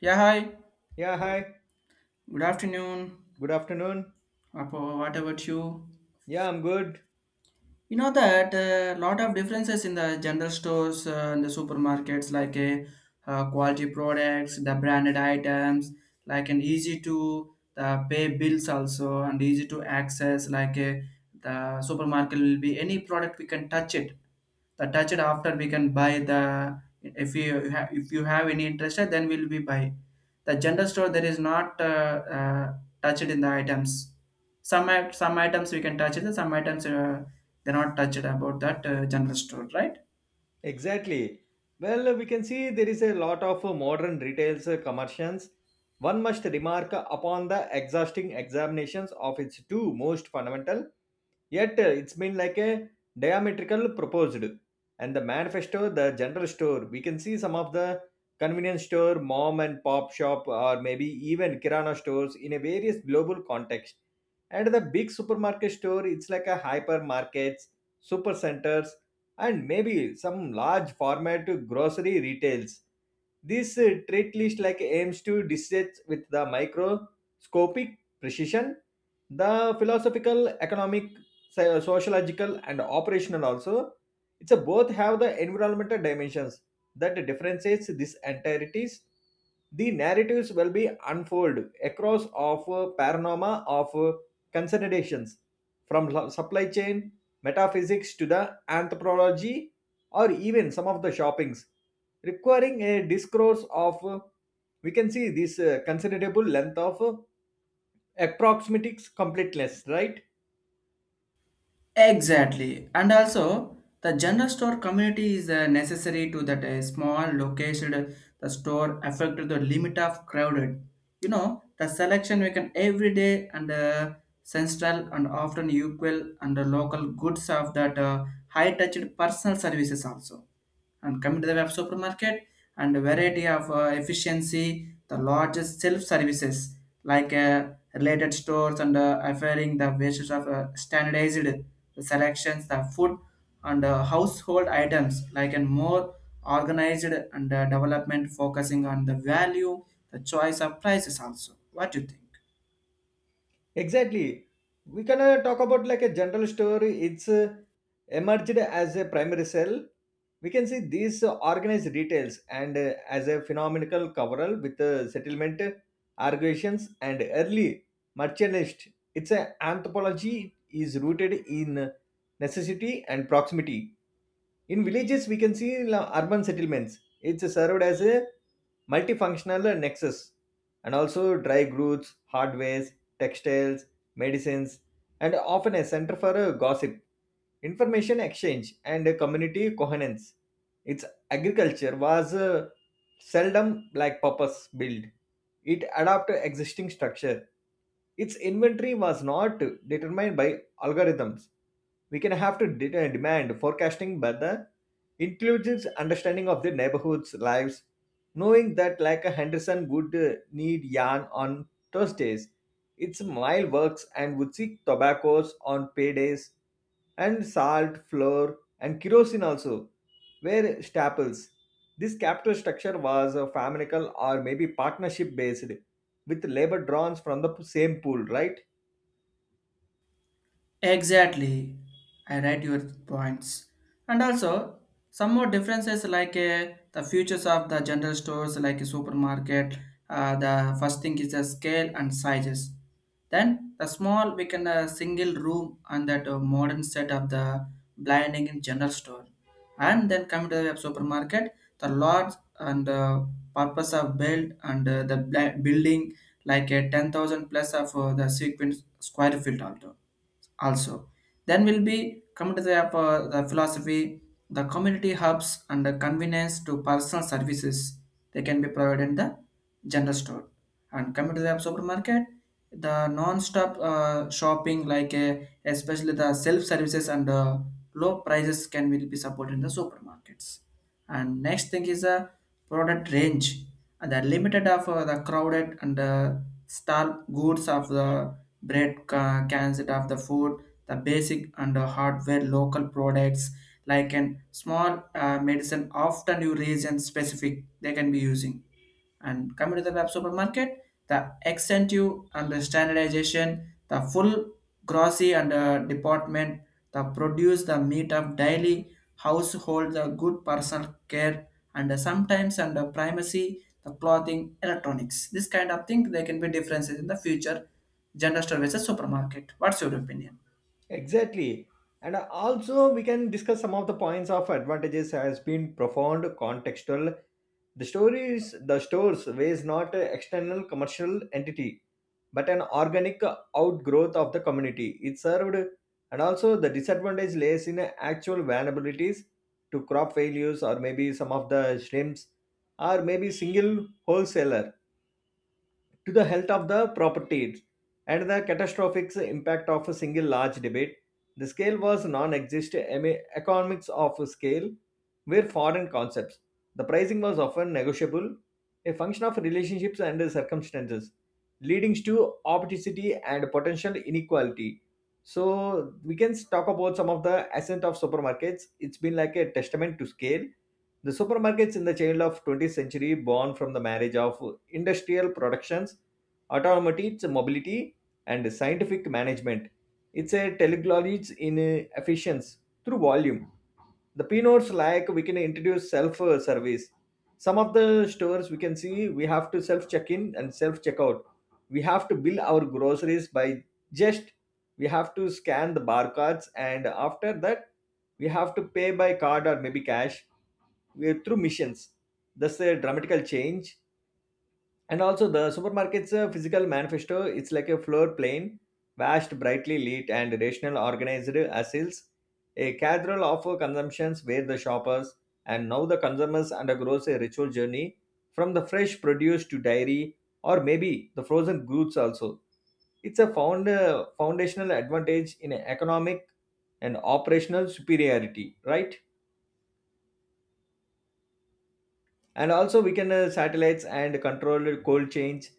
Yeah, hi. Yeah, hi. Good afternoon. Good afternoon. Apo, what about you? Yeah, I'm good. You know that a lot of differences in the general stores and the supermarkets, like a quality products, the branded items, like an easy to the pay bills also and easy to access. Like a, the supermarket will be any product we can touch it. The touch it after we can buy the if you have any interest then we'll be buy. The general store there is not uh, touched in the items some items we can touch it, and some items they're not touched about that general store, right? Exactly. Well, we can see there is a lot of modern retail's commercials. One must remark upon the exhausting examinations of its two most fundamental, yet it's been like a diametrical proposed. And the manifesto, the general store, we can see some of the convenience store, mom and pop shop, or maybe even kirana stores in a various global context. And the big supermarket store, it's like a hypermarkets, super centers, and maybe some large format grocery retails. This treat list like aims to dissect with the microscopic precision, the philosophical, economic, sociological, and operational also. It's a both have the environmental dimensions that differentiates these entities. The narratives will be unfold across of panorama of considerations, from supply chain metaphysics to the anthropology or even some of the shoppings requiring a discourse of we can see this considerable length of approximatics completeness, right? Exactly. And also, the general store community is necessary to that small location, the store affect the limit of crowded. You know, the selection we can every day and central and often equal and the local goods of that high touched personal services also. And coming to the web supermarket and variety of efficiency the largest self services like related stores and offering the basis of standardized selections the food and household items like a more organized and development focusing on the value the choice of prices also. What do you think? Exactly. We can talk about like a general story. It's emerged as a primary cell. We can see these organized details and as a phenomenal coverall with settlement, arguations, and early merchantist. Its anthropology is rooted in necessity and proximity. In villages, we can see urban settlements. It's served as a multifunctional nexus and also dry goods, hardwares, textiles, medicines, and often a center for gossip information exchange and community coherence. Its agriculture was seldom like purpose built. It adapted existing structure. Its inventory was not determined by algorithms. We can have to demand forecasting, but the intelligence understanding of the neighborhood's lives, knowing that like a Henderson would need yarn on Thursdays, its mile works and would seek tobaccos on paydays and salt, flour, and kerosene also were staples. This capital structure was faminical or maybe partnership based with labor drawn from the same pool, right? Exactly. I read your points. And also, some more differences like the futures of the general stores, like a supermarket. The first thing is the scale and sizes. Then the small, we can single room and that modern set of the blinding in general store. And then coming to the web supermarket, the large and purpose of build and building like a 10,000 plus of the sequence square feet also also then we'll be come to the philosophy the community hubs and the convenience to personal services they can be provided in the general store and coming to the supermarket the non-stop shopping like especially the self services and low prices can will be supported in the supermarkets and next thing is a product range and the limited of the crowded and stall goods of the bread cans of the food, the basic and the hardware local products like an small medicine often you region specific they can be using. And coming to the web supermarket, the extensive and the standardization, the full grocery and department, the produce, the meat of daily household, the good personal care, and sometimes and the primacy, the clothing, electronics. This kind of thing there can be differences in the future. General store versus supermarket. What's your opinion? Exactly. And also, we can discuss some of the points of advantages has been profound, contextual. The story is the stores was not an external commercial entity, but an organic outgrowth of the community. It served, and also the disadvantage lays in actual vulnerabilities to crop failures, or maybe some of the shrimps, or maybe single wholesaler to the health of the properties and the catastrophic impact of a single large debate. The scale was non-existent economics of a scale were foreign concepts. The pricing was often negotiable, a function of relationships and circumstances, leading to opacity and potential inequality. So we can talk about some of the ascent of supermarkets. It's been like a testament to scale the supermarkets in the child of 20th century born from the marriage of industrial productions, automotive mobility, and scientific management. It's a teleology in efficiency through volume. The peanuts like we can introduce self-service. Some of the stores we can see we have to self-check in and self check out. We have to bill our groceries by just we have to scan the barcodes, and after that we have to pay by card or maybe cash through missions. That's a dramatical change. And also the supermarket's physical manifesto, it's like a floor plane, vast, brightly lit and rational organized as is a cathedral of consumptions, where the shoppers and now the consumers undergoes a ritual journey from the fresh produce to dairy or maybe the frozen goods also. It's a foundational advantage in economic and operational superiority, right? And also we can satellites and control cold change.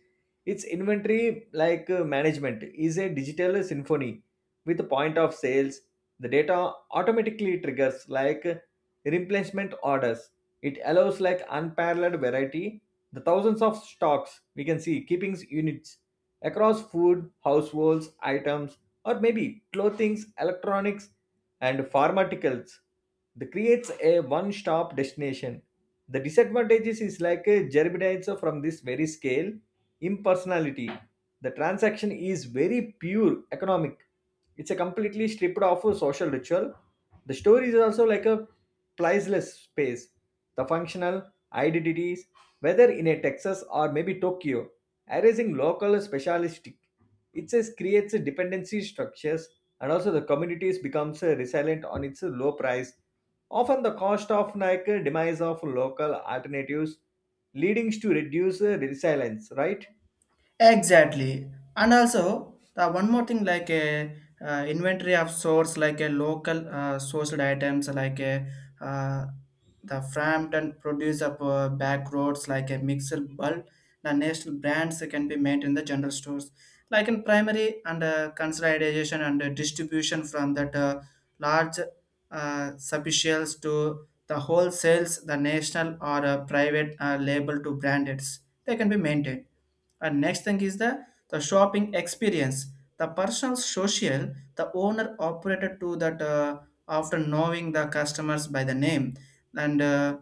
Its inventory like management is a digital symphony with the point of sales, the data automatically triggers like replacement orders. It allows like unparalleled variety, the thousands of stocks we can see keepings units across food households items or maybe clothing electronics and pharmaceuticals. That creates a one-stop destination. The disadvantages is like a germinates from this very scale, impersonality. The transaction is very pure economic. It's a completely stripped of a social ritual. The story is also like a priceless space. The functional identities, whether in a Texas or maybe Tokyo, erasing local specialistic. It says creates a dependency structures, and also the communities becomes resilient on its low price, often the cost of like demise of local alternatives, leading to reduce resilience, right? Exactly. And also, the one more thing like a inventory of source like a local sourced items, like a uh, the Frampton produce of back roads, like a mixer bulb. The national brands can be made in the general stores, like in primary and consideration and distribution from that large subsidiaries to the wholesales, the national or private label to branded. They can be maintained and next thing is the shopping experience the personal social the owner operated to that after knowing the customers by the name and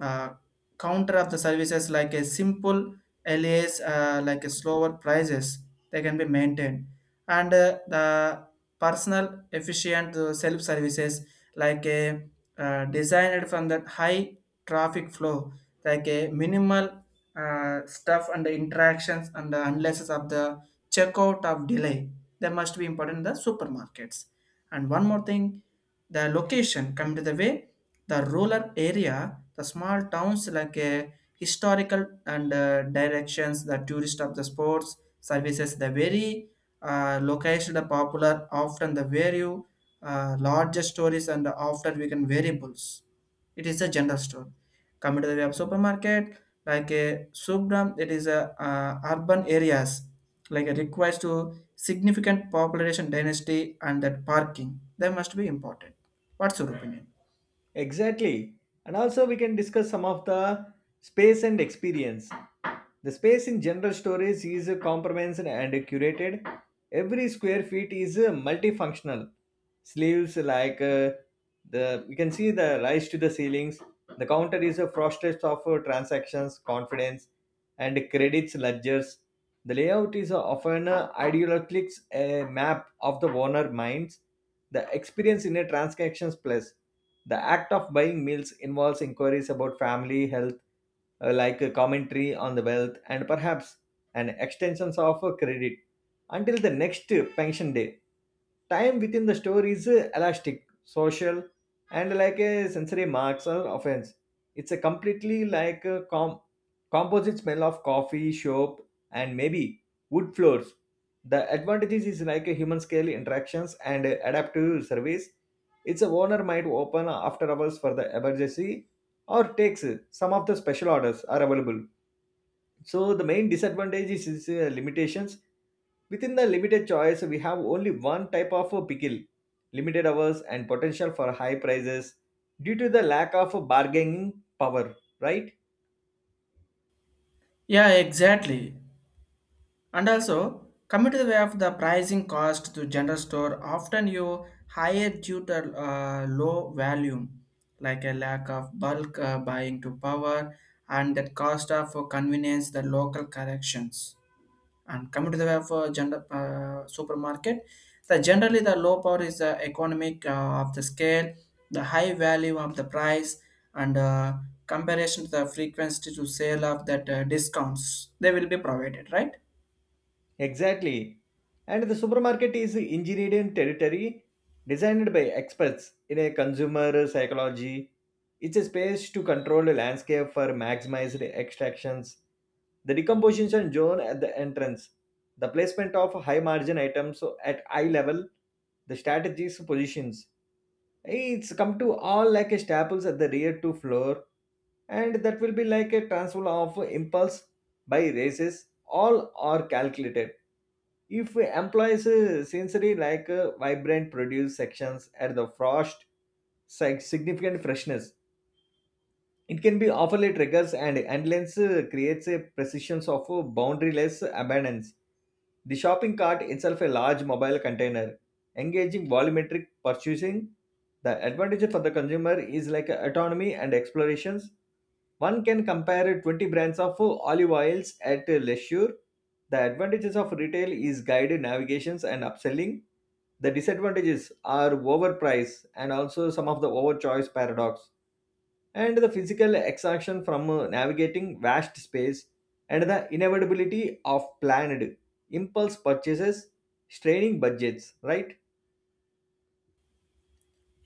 uh, counter of the services like a simple LAs, like a slower prices, they can be maintained. And the personal efficient self services like a designed from that high traffic flow, like a minimal stuff and the interactions and the analysis of the checkout of delay. They must be important in the supermarkets. And one more thing, the location come to the way the rural area the small towns like a historical and directions, the tourist of the sports services, the very location the popular, often the very larger stories and often we can variables. It is a general store. Come to the way of supermarket, like a subram, it is a urban areas, like it requires to significant population dynasty and that parking. They must be important. What's your opinion? Exactly. And also, we can discuss some of the space and experience. The space in general storage is comprehensive and curated. Every square feet is multifunctional. Sleeves like the you can see the rise to the ceilings. The counter is a frosted of transactions, confidence, and credits ledgers. The layout is often ideologically a map of the owner minds. The experience in a transactions plus. The act of buying meals involves inquiries about family, health, like a commentary on the wealth and perhaps an extensions of a credit until the next pension day. Time within the store is elastic, social, and like a sensory marks or offense. It's a completely like a composite smell of coffee, soap, and maybe wood floors. The advantages is like a human scale interactions and adaptive service. Its owner might open after hours for the emergency or takes some of the special orders are available. So the main disadvantage is limitations within the limited choice. We have only one type of pickle, limited hours and potential for high prices due to the lack of bargaining power, right? Yeah, exactly. And also, coming to the way of the pricing cost to general store, often you higher due to low volume, like a lack of bulk buying to power and that cost of convenience, the local corrections. And coming to the way of general supermarket, the generally the low power is the economic of the scale, the high value of the price, and comparison to the frequency to sale of that discounts they will be provided, right? Exactly. And the supermarket is engineered in territory designed by experts in a consumer psychology. It's a space to control the landscape for maximized extractions. The decomposition zone at the entrance, the placement of high margin items at eye level, the strategies positions. It's come to all like a staples at the rear to floor, and that will be like a transfer of impulse by races. All are calculated. If we employs a sensory like vibrant produce sections at the frost, significant freshness, it can be overly triggers and endless creates a precision of boundaryless abundance. The shopping cart itself a large mobile container, engaging volumetric purchasing. The advantage for the consumer is like autonomy and explorations. One can compare 20 brands of olive oils at leisure. The advantages of retail is guided navigations and upselling. The disadvantages are overprice and also some of the overchoice paradox and the physical exhaustion from navigating vast space and the inevitability of planned impulse purchases straining budgets, right?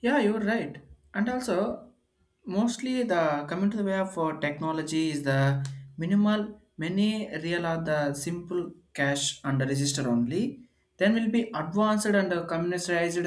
Yeah, you're right. And also, mostly the coming to the way of technology is the minimal. Many real are the simple cash and register only. Then will be advanced and commercialized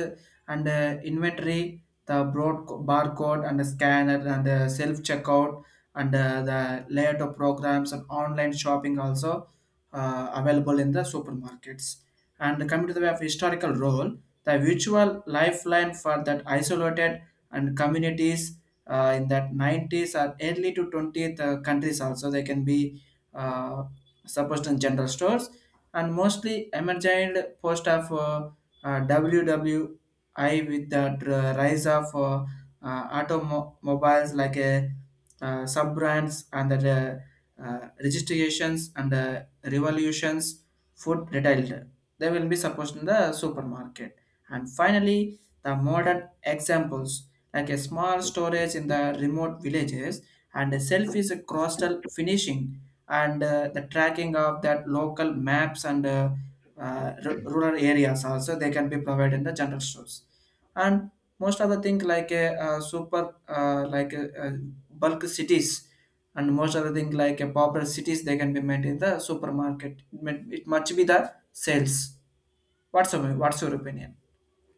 and inventory, the barcode and the scanner and the self checkout and the layout of programs and online shopping also available in the supermarkets. And coming to the way of historical role, the virtual lifeline for that isolated and communities in that '90s or early to 20th countries also they can be uh, supposed in general stores and mostly emergent post of WWI with the rise of automobiles like a sub brands and the registrations and revolutions food retail they will be supposed in the supermarket. And finally, the modern examples like a small storage in the remote villages and a selfish coastal finishing and the tracking of that local maps and rural areas also they can be provided in the general stores and most of the thing like a, super like a, bulk cities and most other the thing like a popular cities they can be made in the supermarket it must be the sales. What's your opinion?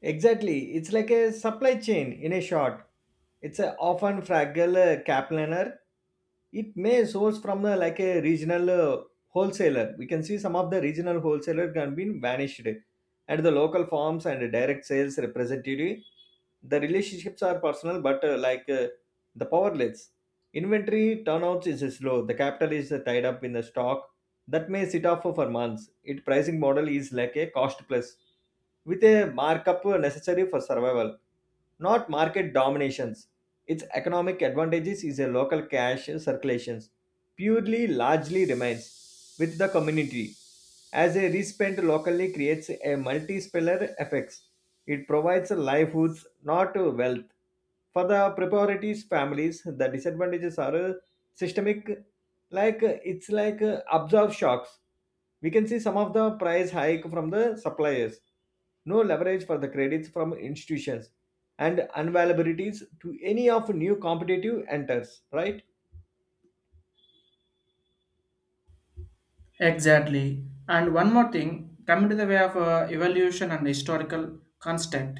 Exactly. It's like a supply chain in a short. It's a often fragile capliner. It may source from like a regional wholesaler. We can see some of the regional wholesaler can be vanished. And the local farms and direct sales representative, the relationships are personal, but the powerless. Inventory turnouts is slow. The capital is tied up in the stock that may sit off for months. Its pricing model is like a cost plus with a markup necessary for survival, not market dominations. Its economic advantages is a local cash circulation purely largely remains with the community. As a respent locally creates a multi-speller effects. It provides livelihoods, not wealth. For the priorities families, the disadvantages are systemic, like it's like absorb shocks. We can see some of the price hike from the suppliers, no leverage for the credits from institutions, and unavailabilities to any of new competitive enters, right? Exactly. And one more thing, coming to the way of evolution and historical constant,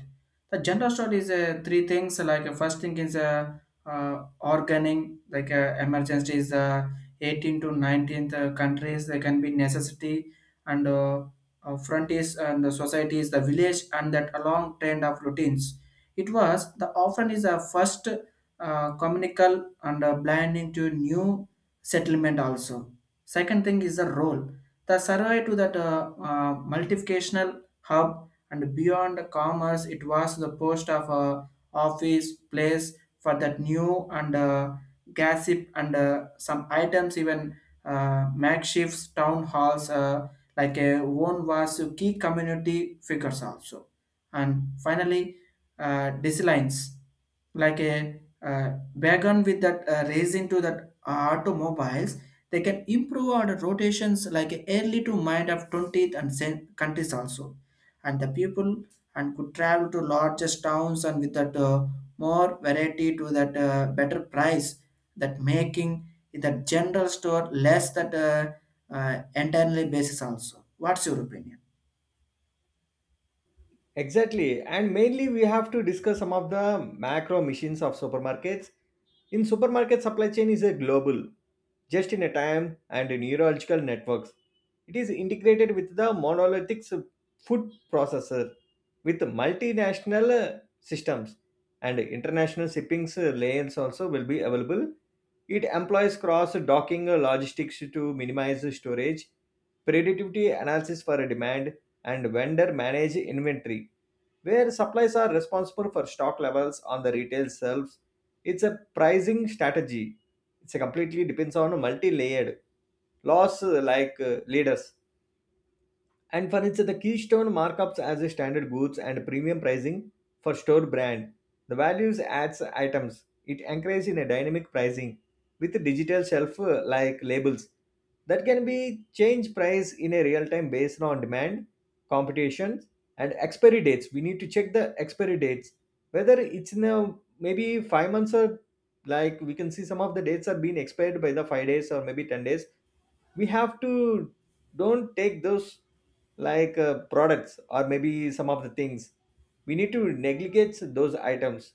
the gender story is three things. Like first thing is organing, like emergency is 18 to 19th countries. There can be necessity and frontiers and the society is the village and that along trend of routines. It was the often is a first communical and blinding to new settlement also. Second thing is the role. The survey to that multiplicational hub and beyond commerce, it was the post of office place for that new and gossip and some items even makeshift town halls like a one was a key community figures also. And finally, designs like a wagon with that raising to that automobiles they can improve on rotations like early to mind of 20th and countries also. And the people and could travel to largest towns and with that more variety to that better price that making the general store less that entirely basis also. What's your opinion? Exactly. And mainly, we have to discuss some of the macro missions of supermarkets. In supermarket, supply chain is a global, just in a time and neurological networks. It is integrated with the monolithic food processor with multinational systems and international shipping lanes also will be available. It employs cross docking logistics to minimize storage, predictivity analysis for demand, and vendor manage inventory, where suppliers are responsible for stock levels on the retail shelves. It's a pricing strategy. It's a completely depends on multi-layered loss leaders. And for instance, the keystone markups as a standard goods and premium pricing for store brand. The values adds items. It anchors in a dynamic pricing with digital shelf labels that can be change price in a real time based on demand, competition, and expiry dates. We need to check the expiry dates whether it's in a maybe 5 months, or like we can see some of the dates are being expired by the 5 days or maybe 10 days. We have to don't take those like products, or maybe some of the things we need to negligate those items.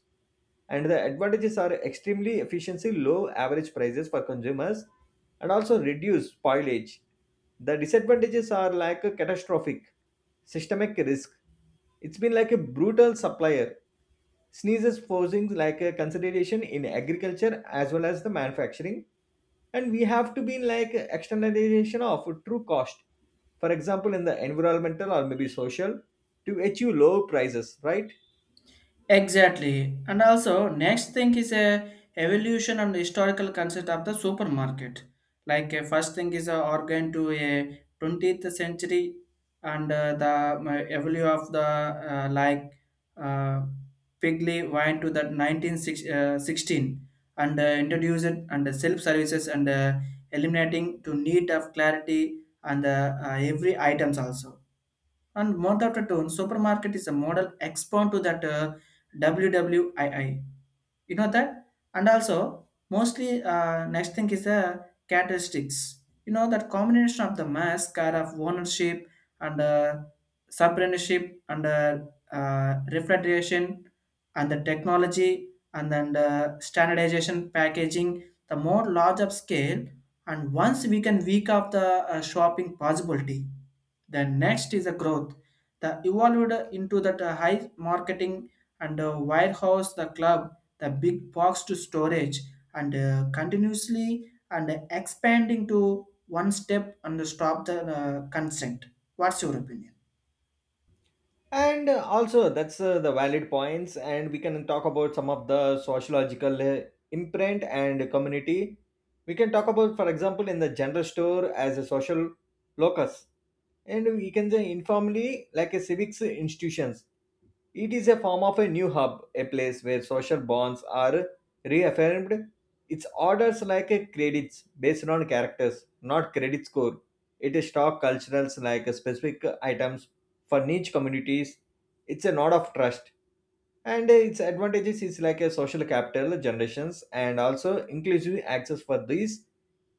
And the advantages are extremely efficiency, low average prices for consumers, and also reduce spoilage. The disadvantages are like a catastrophic systemic risk. It's been like a brutal supplier sneezes forcing like a consolidation in agriculture as well as the manufacturing, and we have to be in like externalization of true cost, for example in the environmental or maybe social, to achieve low prices, right? Exactly. And also, next thing is a evolution and historical concept of the supermarket. Like a first thing is a organ to a 20th century and the evolution of the like uh, Pigley wine to that 1916 and introduced and self services and eliminating to need of clarity and every items also and month after tone, supermarket is a model expand to that WWII. You know that? And also, mostly next thing is the characteristics. You know that combination of the mass car of ownership and subrendership and refrigeration and the technology and then the standardization packaging, the more large of scale and once we can week off the shopping possibility then next is a growth the evolved into that high marketing and warehouse the club the big box to storage and continuously and expanding to one step and stop the consent. What's your opinion? And also, that's the valid points, and we can talk about some of the sociological imprint and community. We can talk about, for example, in the general store as a social locus, and we can say informally like a civics institutions. It is a form of a new hub, a place where social bonds are reaffirmed. Its orders like a credits based on characters, not credit score. It is stock culturals like specific items for niche communities. It's a nod of trust. And its advantages is like a social capital generations, and also inclusive access for these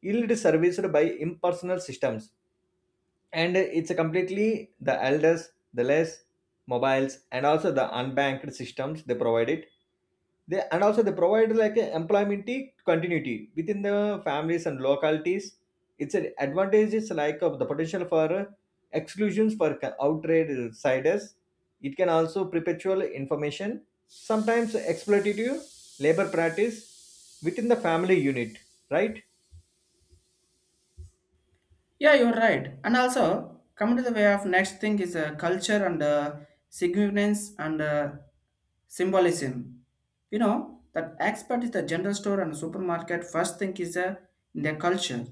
yield serviced by impersonal systems, and it's a completely the elders, the less mobiles, and also the unbanked systems they provide it. They, and also they provide like a employment continuity within the families and localities. It's an advantage is like of the potential for exclusions for outsiders. It can also perpetual information, sometimes exploitative labor practice within the family unit, right? Yeah, you're right. And also, coming to the way of next thing is culture and significance and symbolism. You know, that expert is the general store and supermarket. First thing is in their culture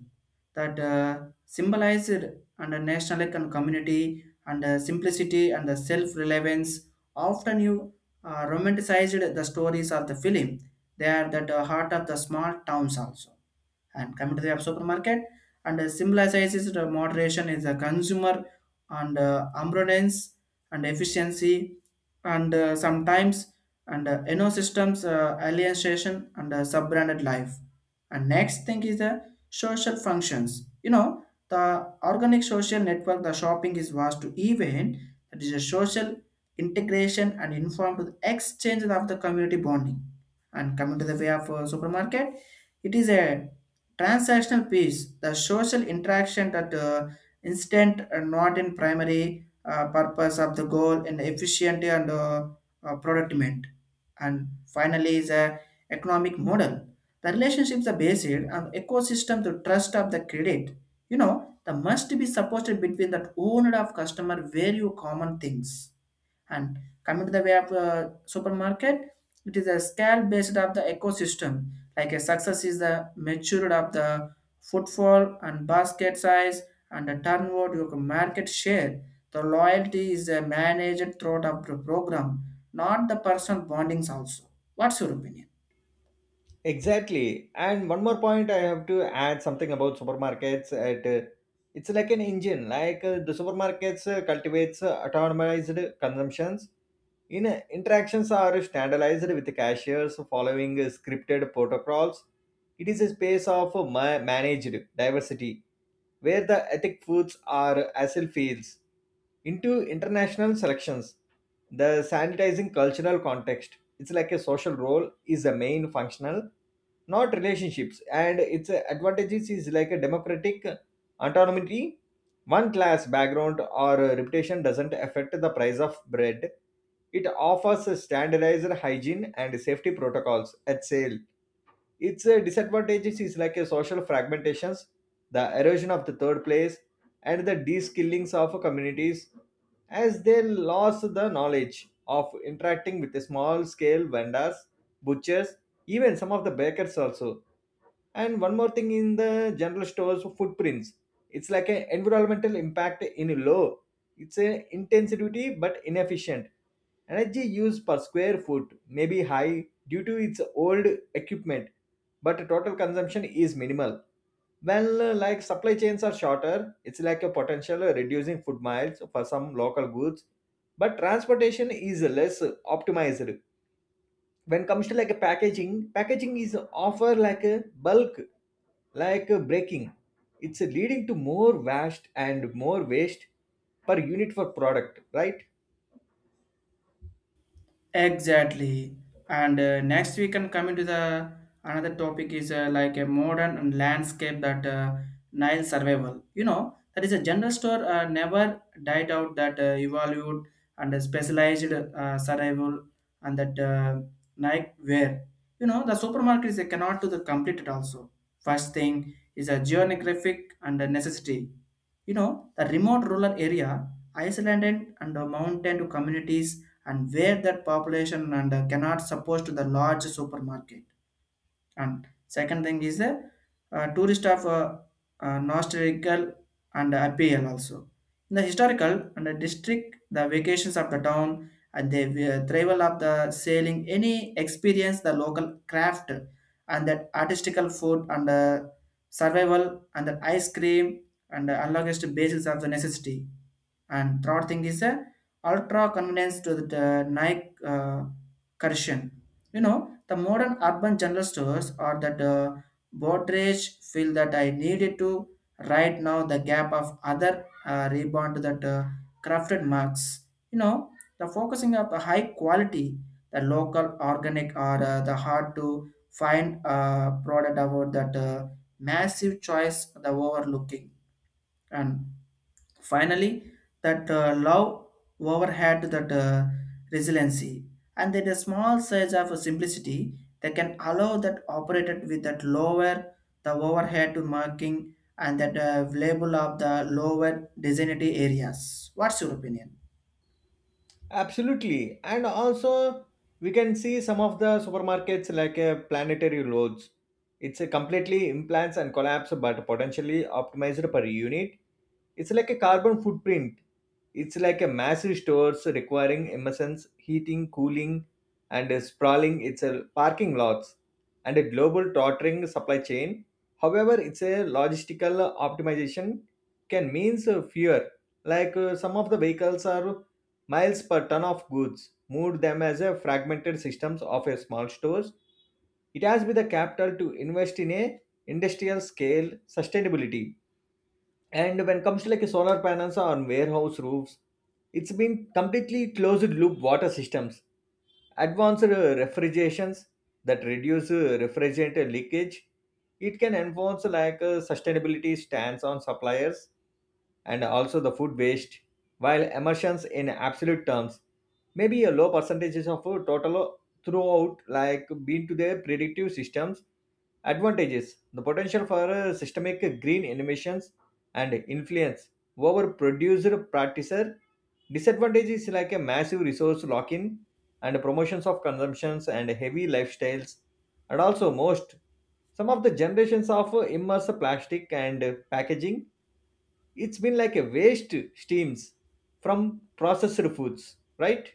that symbolized and nationalistic and community and simplicity and the self-relevance. Often you romanticized the stories of the film. They are that heart of the small towns also and coming to the supermarket, and symbolizes the moderation is a consumer and abundance and efficiency and sometimes and ecosystems alienation and sub-branded life. And next thing is the social functions. You know, the organic social network, the shopping is vast to event that is a social integration and informed to the exchange of the community bonding. And coming to the way of supermarket, it is a transactional piece, the social interaction that instant and not in primary purpose of the goal in efficiency and productivement. And finally is a economic model. The relationships are based on ecosystem to trust of the credit. You know, the must be supported between that owner of customer value common things and coming to the way of supermarket, it is a scale based of the ecosystem. Like a success is the maturity of the footfall and basket size and the turnover your market share. The loyalty is managed throughout the program, not the personal bondings also. What's your opinion? Exactly. And one more point, I have to add something about supermarkets. At it's like an engine. The supermarkets cultivates autonomized consumptions, in interactions are standardized with cashiers following scripted protocols. It is a space of managed diversity where the ethic foods are acyl fields into international selections. The sanitizing cultural context. It's like a social role is the main functional, not relationships. And its advantages is like a democratic autonomy. One class background or reputation doesn't affect the price of bread. It offers a standardized hygiene and safety protocols at sale. Its disadvantages is like a social fragmentations, the erosion of the third place, and the de-skillings of communities as they lost the knowledge of interacting with the small scale vendors, butchers, even some of the bakers also. And one more thing in the general stores footprints. It's like an environmental impact in low. It's an intensity but inefficient. Energy used per square foot may be high due to its old equipment, but total consumption is minimal. Well, like supply chains are shorter, it's like a potential reducing food miles for some local goods, but transportation is less optimized. When comes to like a packaging, packaging is offer like a bulk like braking, it's leading to more waste and more waste per unit for product, right? Exactly. And next we can come into the another topic is like a modern landscape that Nile survival. You know that is a general store never died out that evolved and specialized survival and that Nike wear. You know the supermarkets they cannot do the complete it also. First thing is a geographic and a necessity. You know, the remote rural area, isolated and the mountain to communities and where that population and cannot support to the large supermarket and second thing is the tourist of nostalgical and appeal also. In the historical and the district, the vacations of the town and the travel of the sailing, any experience the local craft and that artistical food and survival and the ice cream and the unlocked basis of the necessity. And third thing is ultra convenience to the, the Nike Correction. You know, the modern urban general stores are that Brokerage feel that I needed to right now the gap of other rebound that crafted marks. You know, the focusing of the high quality, the local organic or the hard to find product about that massive choice the overlooking and finally, that love over that resiliency and that a small size of simplicity that can allow that operated with that lower the overhead to marking and that label of the lower designated areas. What's your opinion? Absolutely. And also, we can see some of the supermarkets like a planetary loads. It's a completely implants and collapse, but potentially optimized per unit. It's like a carbon footprint. It's like a massive stores requiring emissions, heating, cooling, and sprawling. It's a parking lots and a global tottering supply chain. However, it's a logistical optimization can means fewer. Some of the vehicles are miles per ton of goods, moved them as a fragmented systems of a small stores. It has been the capital to invest in a industrial scale sustainability. And when it comes to like a solar panels on warehouse roofs, it's been completely closed loop water systems, advanced refrigerations that reduce refrigerant leakage. It can enforce like a sustainability stance on suppliers and also the food waste, while emissions in absolute terms may be a low percentages of total throughout, like being to their predictive systems. Advantages the potential for systemic green innovations and influence over produced practicer. Disadvantages is like a massive resource lock in and promotions of consumptions and heavy lifestyles, and also most some of the generations of immersive plastic and packaging. It's been like a waste steams from processed foods, right?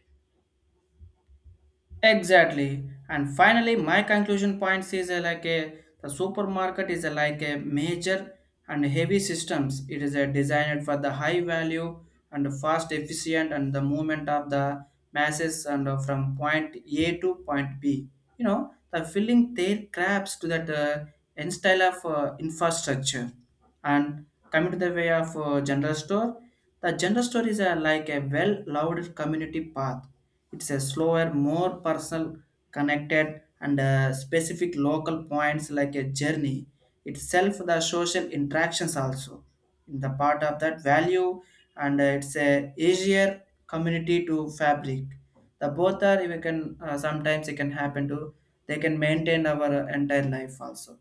Exactly. And finally, my conclusion points is like a the supermarket is a, like a major and heavy systems. It is a designed for the high value and fast, efficient, and the movement of the masses and from point A to point B. You know, the filling their crabs to that end style of infrastructure. And coming to the way of general store, the general store is a, like a well-loved community path it's a slower, more personal, connected, and specific local points like a journey itself. The social interactions also in the part of that value, and it's a easier community to fabric. The both are we can sometimes it can happen to they can maintain our entire life also.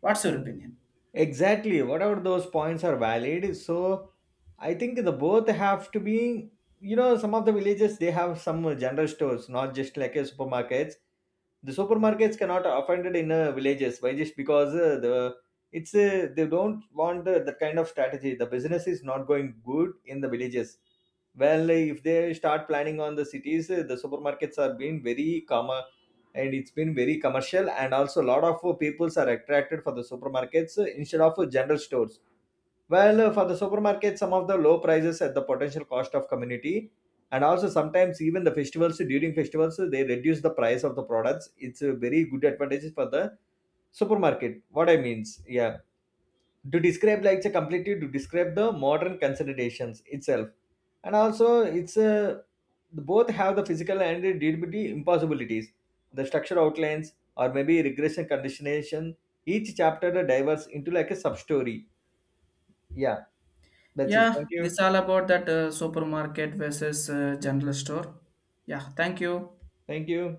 What's your opinion? Exactly. Whatever those points are valid. So I think the both have to be, you know, some of the villages they have some general stores, not just like a supermarkets. The supermarkets cannot offended in villages. Why? Just because they don't want that kind of strategy. The business is not going good in the villages. Well, if they start planning on the cities, the supermarkets are being very common, and it's been very commercial, and also a lot of peoples are attracted for the supermarkets instead of general stores. Well, for the supermarket, some of the low prices at the potential cost of community, and also sometimes even the festivals, during festivals they reduce the price of the products. It's a very good advantages for the supermarket. What I means, yeah, to describe like it's a completely to describe the modern considerations itself, and also it's a both have the physical and the DDBT impossibilities, the structure outlines or maybe regression conditionation, each chapter diverges into like a sub story. Yeah, that's it, Yeah, thank you. this all about that supermarket versus general store. Yeah, thank you. Thank you.